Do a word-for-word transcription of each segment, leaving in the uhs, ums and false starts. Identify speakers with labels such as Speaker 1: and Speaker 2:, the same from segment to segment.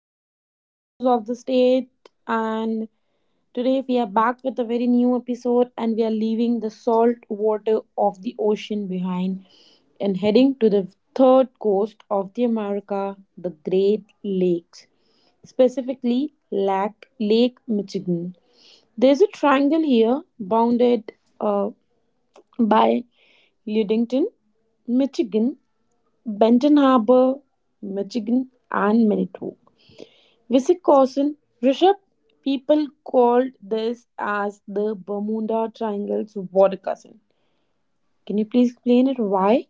Speaker 1: our series Echoes of the State. And today we are back with a very new episode, and we are leaving the salt water of the ocean behind and heading to the third coast of the America, the Great Lakes, specifically Lac- Lake Michigan. There's a triangle here bounded uh, by Ludington, Michigan, Benton Harbor, Michigan, and Manitowoc, Wisconsin. Rishup, people called this as the Bermuda Triangle's water cousin. Can you please explain it why?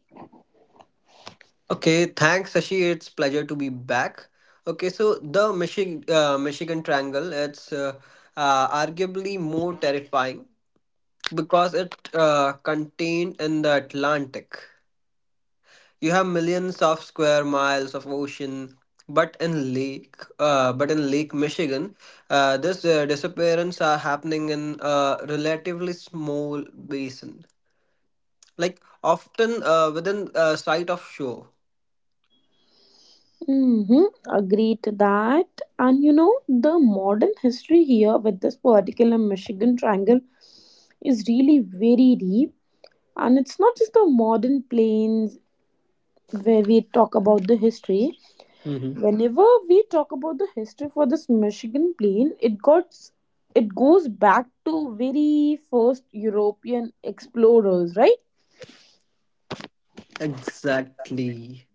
Speaker 2: Okay, thanks, Sashi. It's pleasure to be back. Okay, so the Michigan, uh, Michigan Triangle, it's uh, uh, arguably more terrifying because it uh, contained in the Atlantic. You have millions of square miles of ocean, but in Lake, uh, but in Lake Michigan, uh, this uh, disappearance are happening in a relatively small basin, like, often uh, within uh, sight of shore.
Speaker 1: Mm-hmm, agreed to that. And you know, the modern history here with this particular Michigan Triangle is really very deep. And it's not just the modern plains where we talk about the history,
Speaker 2: Hmm.
Speaker 1: whenever we talk about the history for this Michigan plain, it got it goes back to very first European explorers, right?
Speaker 2: Exactly.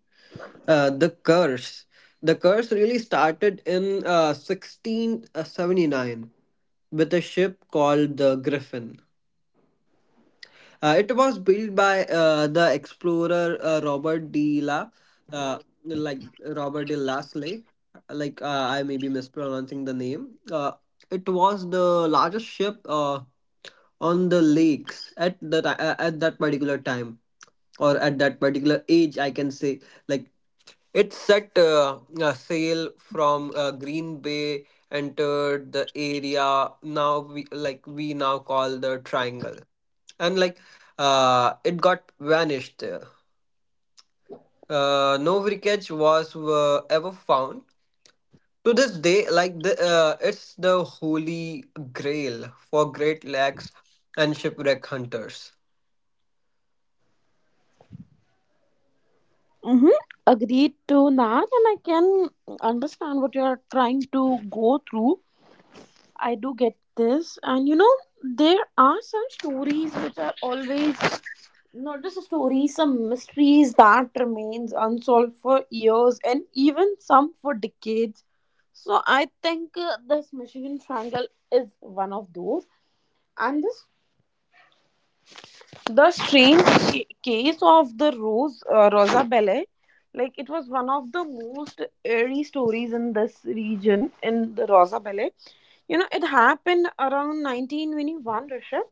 Speaker 2: Uh, the curse. The curse really started in uh, sixteen seventy-nine with a ship called the Griffin. Uh, it was built by uh, the explorer uh, Robert de La, uh, like Robert de Lasley. Like uh, I may be mispronouncing the name. Uh, it was the largest ship. Uh, on the lakes at that uh, at that particular time, or at that particular age, I can say. Like, it set uh, a sail from uh, Green Bay, entered the area now we like we now call the triangle, and, like, uh, it got vanished there. Uh, no wreckage was uh, ever found to this day. Like, the uh, it's the holy grail for Great Lakes and shipwreck hunters.
Speaker 1: Mm-hmm, agreed to that, and I can understand what you are trying to go through. I do get this, and you know, there are some stories which are always not just stories, some mysteries that remains unsolved for years and even some for decades. So I think uh, this Michigan Triangle is one of those. And this the strange ca- case of the rose uh, Rosa Belle, like it was one of the most eerie stories in this region. In the Rosa Belle, you know, it happened around nineteen twenty-one, Rishabh.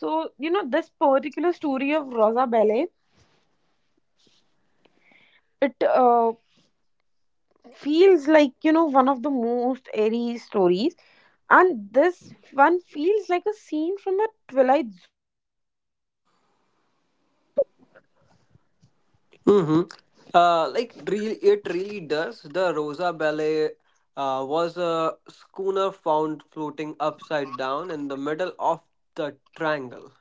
Speaker 1: So you know, this particular story of Rosa Belle, it uh, feels like, you know, one of the most eerie stories, and this one feels like a scene from a Twilight Zone, you know.
Speaker 2: Mm-hmm. Uh, like really, it really does. The Rosa Ballet uh, was a schooner found floating upside down in the middle of the triangle.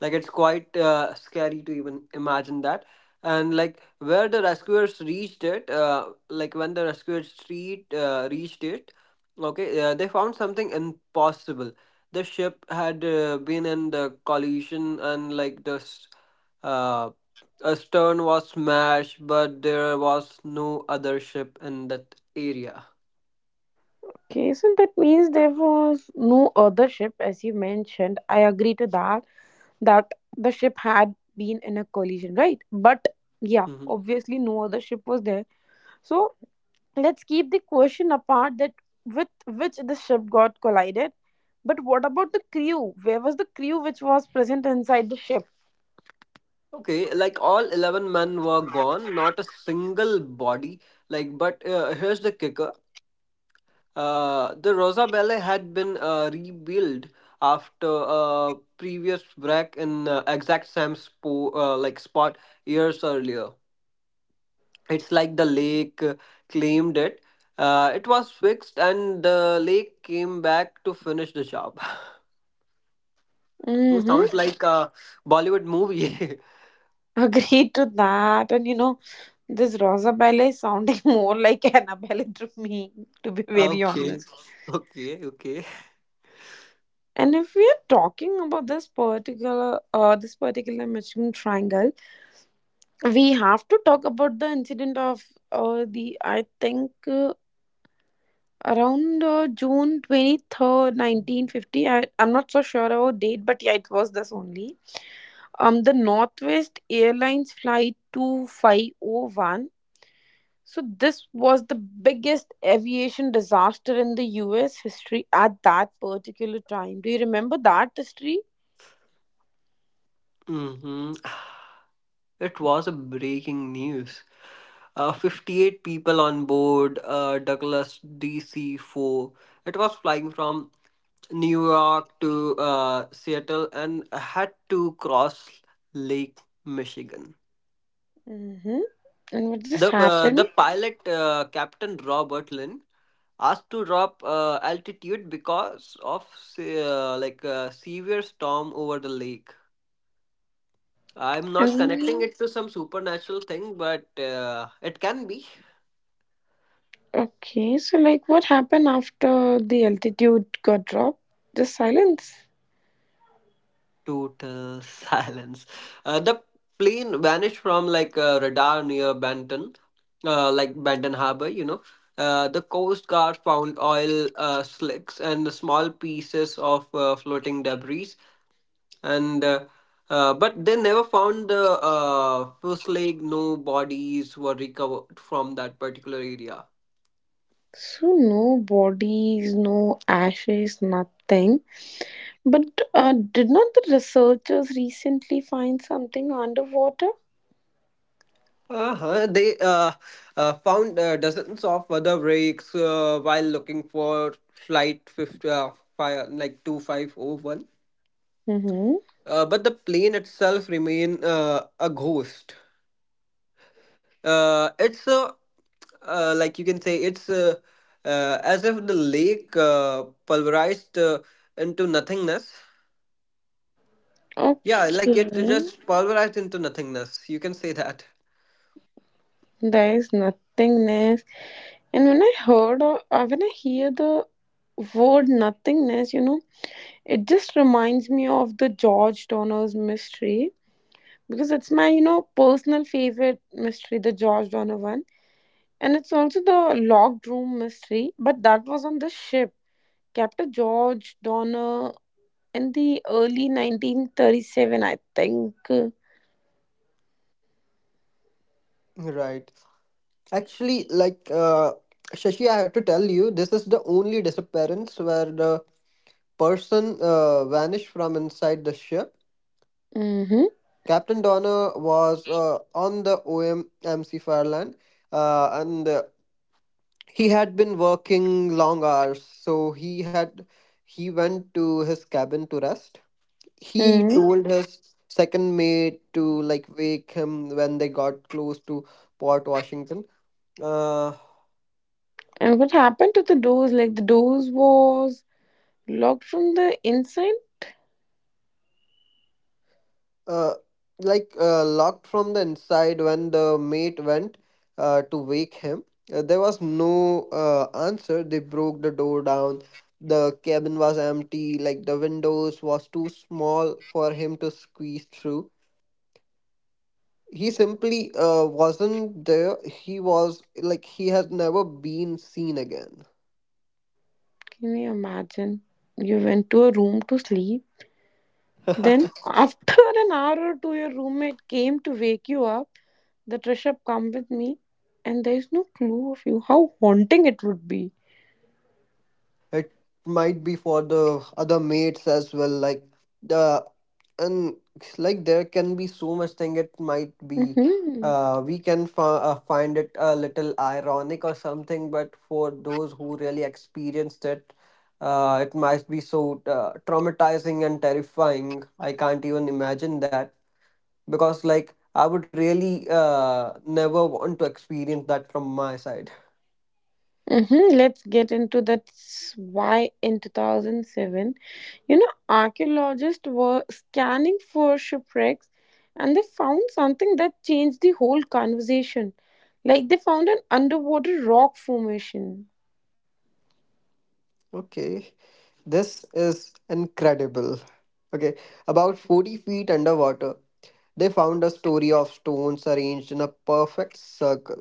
Speaker 2: Like, it's quite uh, scary to even imagine that. And, like where the rescuers reached it uh, like when the rescuers street uh, reached it, okay, uh, they found something impossible. The ship had uh, been in the collision, and, like, the s- uh, a stern was smashed, but there was no other ship in that area.
Speaker 1: Okay, so that means there was no other ship, as you mentioned. I agree to that, that the ship had been in a collision, right? But yeah,
Speaker 2: Mhm.
Speaker 1: obviously no other ship was there. So let's keep the question apart that with which the ship got collided. But what about the crew? Where was the crew which was present inside the ship?
Speaker 2: Okay, like, all eleven men were gone. Not a single body. Like, but uh, here's the kicker. Uh, the Rosa Ballet had been uh, rebuilt after a previous wreck in uh, exact same spo- uh, like spot years earlier. It's like the lake uh, claimed it. Uh, it was fixed, and the lake came back to finish the job. It
Speaker 1: Mm-hmm.
Speaker 2: sounds like a Bollywood movie.
Speaker 1: Agreed to that. And you know, this Rosabella is sounding more like Annabelle to me, to be very
Speaker 2: Okay,
Speaker 1: honest.
Speaker 2: okay, okay.
Speaker 1: And if we are talking about this particular uh, this particular Michelin triangle, we have to talk about the incident of uh, the I think uh, around uh, June twenty-third, nineteen fifty. I, I'm not so sure about date, but yeah, it was this only. Um, the Northwest Airlines flight two five oh one. So this was the biggest aviation disaster in the U S history at that particular time. Do you remember that history?
Speaker 2: Mm-hmm. It was a breaking news. Uh, fifty-eight people on board, uh, Douglas D C four. It was flying from New York to uh, Seattle and had to cross Lake Michigan.
Speaker 1: Mhm. And what just
Speaker 2: The uh,
Speaker 1: happened?
Speaker 2: the pilot, uh, Captain Robert Lynn, asked to drop uh, altitude because of se- uh, like a severe storm over the lake. I'm not connecting
Speaker 1: And
Speaker 2: it to some supernatural thing, but uh, it can be.
Speaker 1: okay, so like what happened after the altitude got dropped? Just silence.
Speaker 2: Total silence. Uh, the plane vanished from, like, a radar near Banten, uh, like Banten Harbor, you know. Uh, the Coast Guard found oil uh, slicks and small pieces of uh, floating debris, and uh, uh, but they never found the uh, first leg. No bodies were recovered from that particular area.
Speaker 1: So no bodies, no ashes, nothing. But uh, did not the researchers recently find something underwater?
Speaker 2: Uh-huh. They uh, uh, found uh, dozens of other wrecks uh, while looking for flight 50, uh, five, like two five oh one.
Speaker 1: Mm-hmm.
Speaker 2: Uh, but the plane itself remain uh, a ghost. Uh, it's, uh, uh, like, you can say, it's, uh, uh, as if the lake uh, pulverized uh, into nothingness. Yeah, like, it
Speaker 1: Okay,
Speaker 2: just pulverized into nothingness. You can say that.
Speaker 1: there is nothingness. And when I heard, uh, uh, when I hear the word nothingness, you know, it just reminds me of the George Donner's mystery, because it's my, you know, personal favorite mystery, the George Donovan. And it's also the locked room mystery, but that was on the ship. Captain George Donner, in the early nineteen thirty-seven, I think.
Speaker 2: Right. Actually, like uh, Shashi, I have to tell you, this is the only disappearance where the person uh, vanished from inside the ship.
Speaker 1: Mm-hmm.
Speaker 2: Captain Donner was uh, on the O M M C Farland, uh, and uh, he had been working long hours. So he had he went to his cabin to rest. He
Speaker 1: hmm
Speaker 2: told his second mate to, like, wake him when they got close to Port Washington. Uh,
Speaker 1: and what happened to the doors? Like the doors was locked from the inside.
Speaker 2: uh, like uh, Locked from the inside when the mate went uh, to wake him. Uh, there was no uh, answer. They broke the door down. The cabin was empty. Like, the windows was too small for him to squeeze through. He simply uh, wasn't there. He was like he has never been seen again.
Speaker 1: Can you imagine, you went to a room to sleep, then after an hour or two your roommate came to wake you up, "The dress up, come with me," and there is no clue of you? How haunting it would be.
Speaker 2: It might be for the other mates as well, like, the and like there can be so much thing. It might be,
Speaker 1: Mm-hmm.
Speaker 2: uh we can fi- uh, find it a little ironic or something, but for those who really experienced it, uh it might be so uh, traumatizing and terrifying. I can't even imagine that, because, like, I would really uh never want to experience that from my side.
Speaker 1: Mm-hmm. Let's get into That's why in two thousand seven, you know, archaeologists were scanning for shipwrecks, and they found something that changed the whole conversation. Like they found an underwater rock formation.
Speaker 2: Okay, this is incredible. Okay, about forty feet underwater, they found a story of stones arranged in a perfect circle.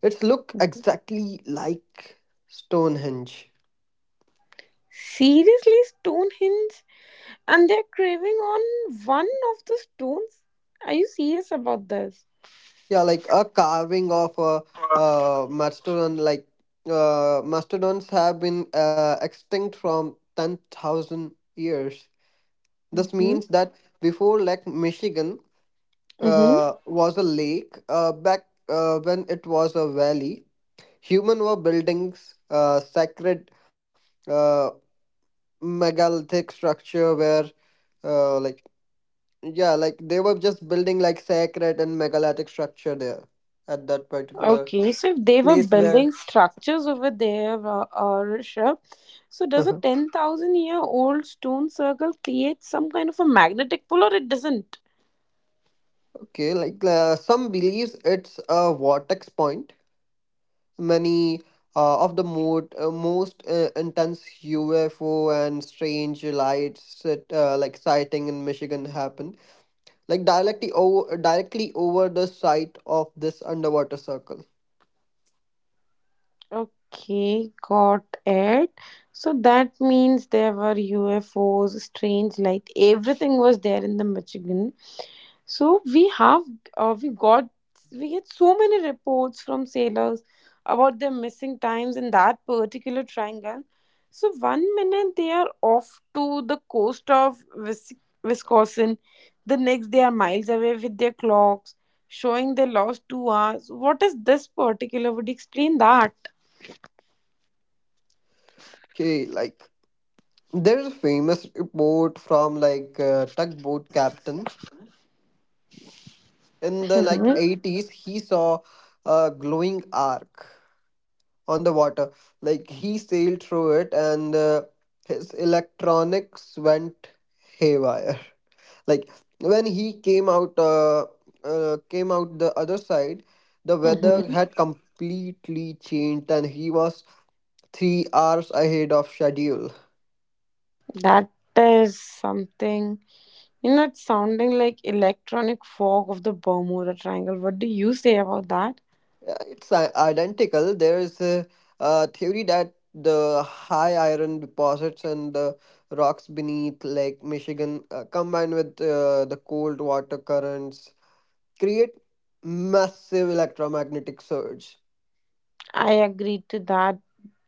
Speaker 2: It's look exactly like Stonehenge.
Speaker 1: Seriously, Stonehenge? And they're craving on one of the stones? Are you serious about this?
Speaker 2: Yeah, like a carving of a uh, mastodon. Like uh, mastodons have been uh, extinct from ten thousand years. This
Speaker 1: Mm-hmm.
Speaker 2: means that before Lake Michigan
Speaker 1: Mm-hmm.
Speaker 2: uh, was a lake, uh, back uh, when it was a valley, human were building uh, sacred uh, megalithic structure, where uh, like yeah like they were just building, like, sacred and megalithic structure there at that particular
Speaker 1: Okay, so if they were
Speaker 2: place where
Speaker 1: building structures over there, uh, uh, Rishabh, so does a
Speaker 2: Uh-huh.
Speaker 1: ten thousand year old stone circle create some kind of a magnetic pull, or it doesn't?
Speaker 2: Okay, like, uh, some believes it's a vortex point. Many uh, of the mode, uh, most uh, intense U F O and strange lights that, uh, like sighting in Michigan happened, like, directly over directly over the site of this underwater circle.
Speaker 1: Okay, got it. So that means there were U F Os, strange light, everything was there in the Michigan. So we have uh, we got we get so many reports from sailors about their missing times in that particular triangle. So one minute they are off to the coast of Wis- Wisconsin, the next they are miles away with their clocks showing they lost two hours. What is this particular? Would you explain that?
Speaker 2: Okay, like, there's a famous report from, like, a tugboat captain in the, like,
Speaker 1: Hmm.
Speaker 2: eighties. He saw a glowing arc on the water. Like, he sailed through it, and uh, his electronics went haywire. Like, when he came out uh, uh, came out the other side, the weather
Speaker 1: Mm-hmm.
Speaker 2: had completely changed, and he was three hours ahead of schedule.
Speaker 1: That is something. You know, it's sounding like electronic fog of the Bermuda Triangle. What do you say about that?
Speaker 2: Yeah, it's i- identical. There is a, a theory that the high iron deposits and the rocks beneath Lake Michigan, uh, combined with uh, the cold water currents, create massive electromagnetic surge.
Speaker 1: I agree to that.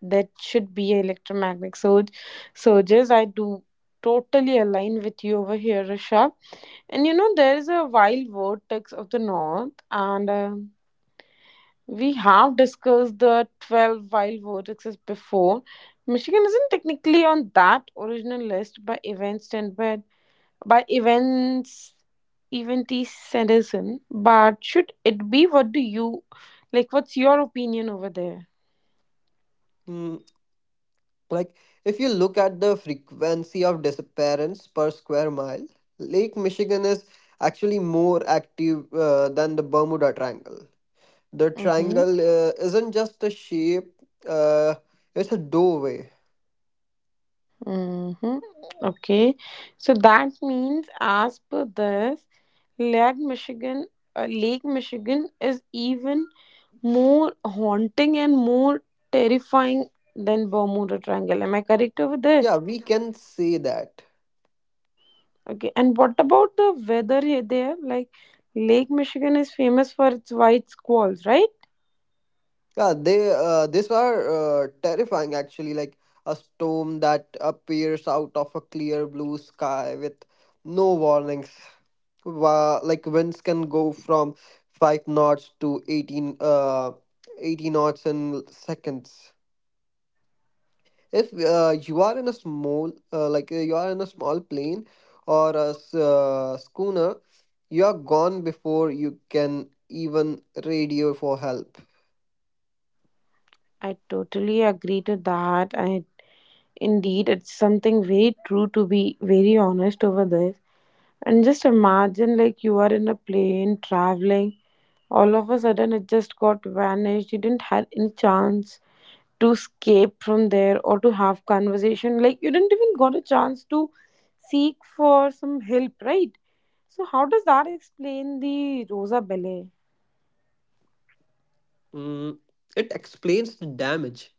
Speaker 1: That should be electromagnetic surge surges. I do totally align with you over here, Rishabh. And you know, there is a wild vortex of the north, and um we have discussed the twelve wild vortexes before. Michigan isn't technically on that original list by events and by, by events eventy citizen, but should it be? What do you like? What's your opinion over there?
Speaker 2: Hmm. Like, if you look at the frequency of disappearance per square mile, Lake Michigan is actually more active uh, than the Bermuda Triangle. The
Speaker 1: Mm-hmm.
Speaker 2: triangle uh, isn't just a shape, uh, it's a doorway.
Speaker 1: Mm-hmm. Okay. So that means, as per this, Lake Michigan, uh, Lake Michigan is even more haunting and more terrifying than Bermuda Triangle. Am I correct over
Speaker 2: Yeah,
Speaker 1: this?
Speaker 2: we can say that.
Speaker 1: Okay. And what about the weather here there? Like, Lake Michigan is famous for its white squalls, right?
Speaker 2: Yeah, they uh, these are uh, terrifying, actually, like a storm that appears out of a clear blue sky with no warnings. Wa like Winds can go from five knots to 18 uh eighty knots in seconds. If uh, you are in a small uh, like uh, you are in a small plane or a s- uh, schooner, you are gone before you can even radio for help.
Speaker 1: I totally agree to that. I indeed, it's something very true, to be very honest over this. And just imagine, like you are in a plane traveling. All of a sudden, it just got vanished. You didn't have any chance to escape from there or to have conversation. Like you didn't even got a chance to seek for some help, right? So how does that explain the Rosa Ballet?
Speaker 2: Mm, it explains the damage,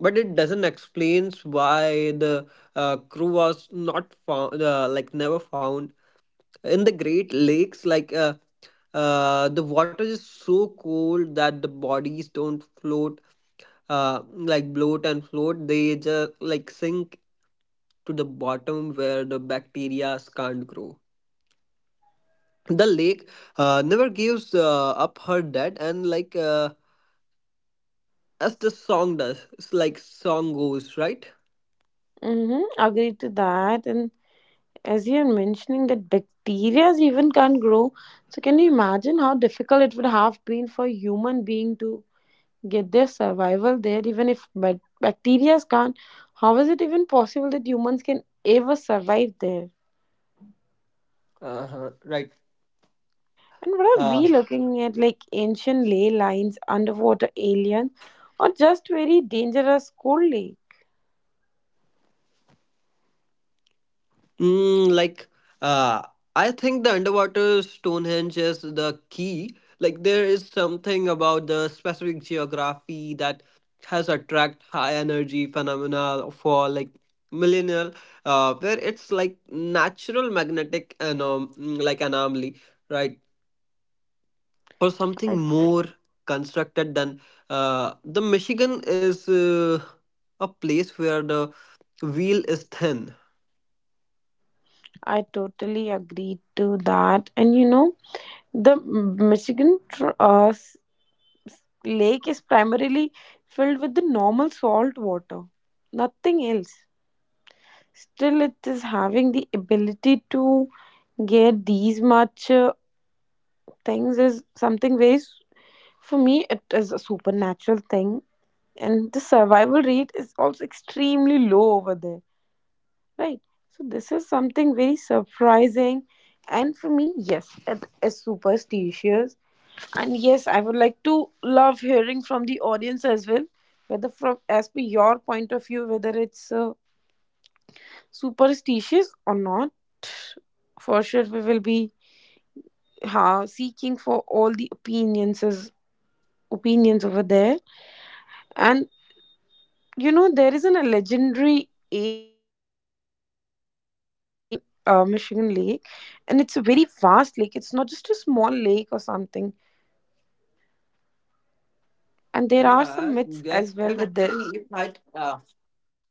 Speaker 2: but it doesn't explains why the uh, crew was not found, uh, like, never found in the Great Lakes. Like uh, uh, the water is so cold that the bodies don't float, uh, like, bloat and float. They just, like, sink to the bottom where the bacteria can't grow. The lake uh, never gives uh, up her dead, and, like, uh, as the song does, it's like song goes, right.
Speaker 1: Mm-hmm, agree to that. And as you're mentioning that bacteria even can't grow, so can you imagine how difficult it would have been for human being to get their survival there, even if but bacteria can't? How is it even possible that humans can ever survive there?
Speaker 2: Uh-huh, right.
Speaker 1: And what are
Speaker 2: Uh,
Speaker 1: we looking at? Like ancient ley lines, underwater aliens, or just very dangerous cold lake?
Speaker 2: mm, like, uh, I think the underwater Stonehenge is the key. Like, there is something about the specific geography that has attract high energy phenomena for, like, millennial, uh, where it's like natural magnetic anom- mm, like anomaly, right? Or something
Speaker 1: i,
Speaker 2: more constructed than. Uh, the Michigan is uh, a place where the wheel is thin.
Speaker 1: I totally agree to that. And you know, the M- michigan tr- uh, s- lake is primarily filled with the normal salt water, nothing else. Still it is having the ability to get these much uh, things, is something very s- for me it is a supernatural thing. And the survival rate is also extremely low over there, right? So this is something very surprising. And for me, yes, it is superstitious. And yes, I would like to love hearing from the audience as well, whether from, as per your point of view, whether it's uh, superstitious or not. For sure we will be ha, seeking for all the opinions is- opinions over there. And you know, there is an, a legendary area in this magical uh, Michigan lake, and it's a very vast lake, it's not just a small lake or something. And there are some myths as well with this.
Speaker 2: Yeah, that, and actually, it might, uh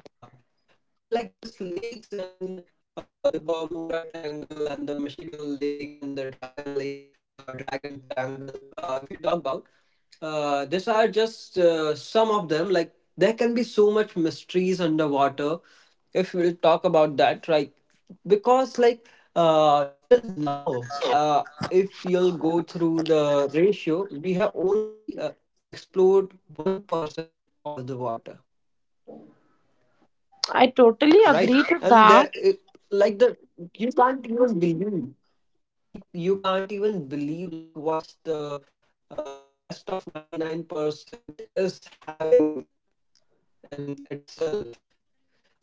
Speaker 2: yeah. And, like, this lakes and uh the Bermuda Triangle and the Michigan Lake and the Dragon Lake, uh Dragon Triangle, uh if you talk about, uh these are just uh, some of them. Like, there can be so much mysteries underwater if we'll talk about that, right? Because, like, uh till now, uh if you'll go through the ratio, we have only uh, explored one percent of the water,
Speaker 1: i totally
Speaker 2: right?
Speaker 1: agree to
Speaker 2: And the,
Speaker 1: that
Speaker 2: it, like the you can't even believe. Yeah, you you can't even believe, like, what's the uh, rest of ninety-nine percent is having in itself.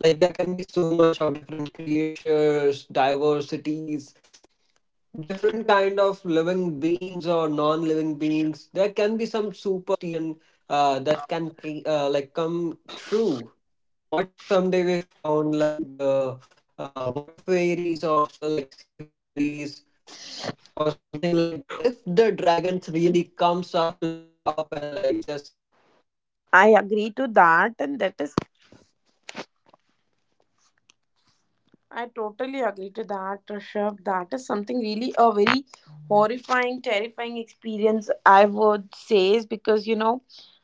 Speaker 2: Like, there can be so much of different creatures, diversities, different kind of living beings or non-living beings. There can be some superstition uh, that can ke- uh, like come true. What if someday we found, like, the uh, water fairies of, like, sea fairies, or something? Like, if the dragon
Speaker 1: i agree to that, and that is, I totally agree to that, Rishabh. That is something really a very horrifying, terrifying experience, I would say, is because you know,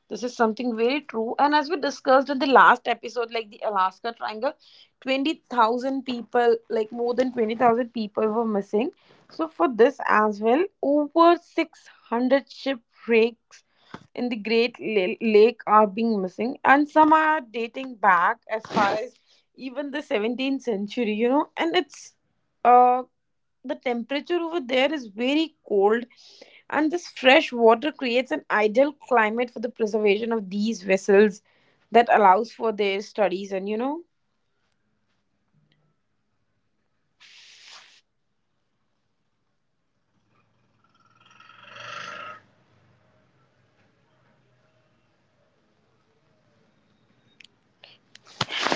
Speaker 1: this is something very true. And as we discussed in the last episode, like the Alaska Triangle, twenty thousand people, like more than twenty thousand people were missing. So, for this as well, over six hundred shipwrecks in the Great La- Lake are being missing, and some are dating back as far as even the seventeenth century, you know. And it's uh, the temperature over there is very cold, and this fresh water creates an ideal climate for the preservation of these vessels that allows for their studies and you know.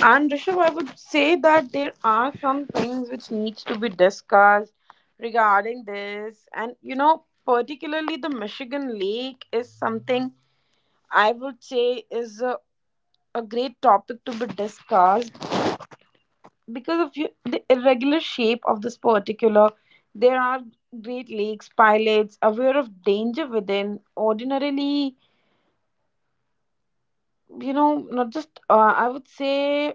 Speaker 1: And Rishabh, I would say that there are some things which needs to be discussed regarding this, and you know, particularly the Michigan Lake is something I would say is a, a great topic to be discussed because of you, the irregular shape of this particular. There are great lakes pilots aware of danger within. Ordinarily, you know, not just uh, I would say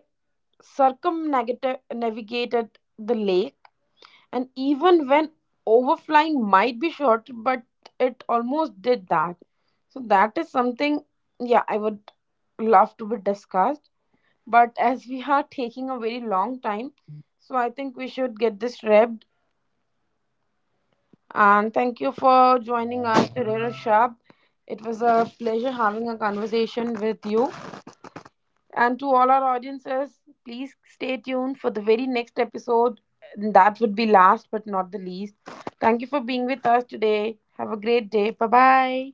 Speaker 1: circumnavigated the lake, and even when overflying might be short, but it almost did that. So that is something, yeah, I would love to be discussed. But as we are taking a very long time, so I think we should get this wrapped. And thank you for joining us today, Rashab. It was a pleasure having a conversation with you. And to all our audiences, please stay tuned for the very next episode. And that would be last but not the least. Thank you for being with us today. Have a great day. Bye bye.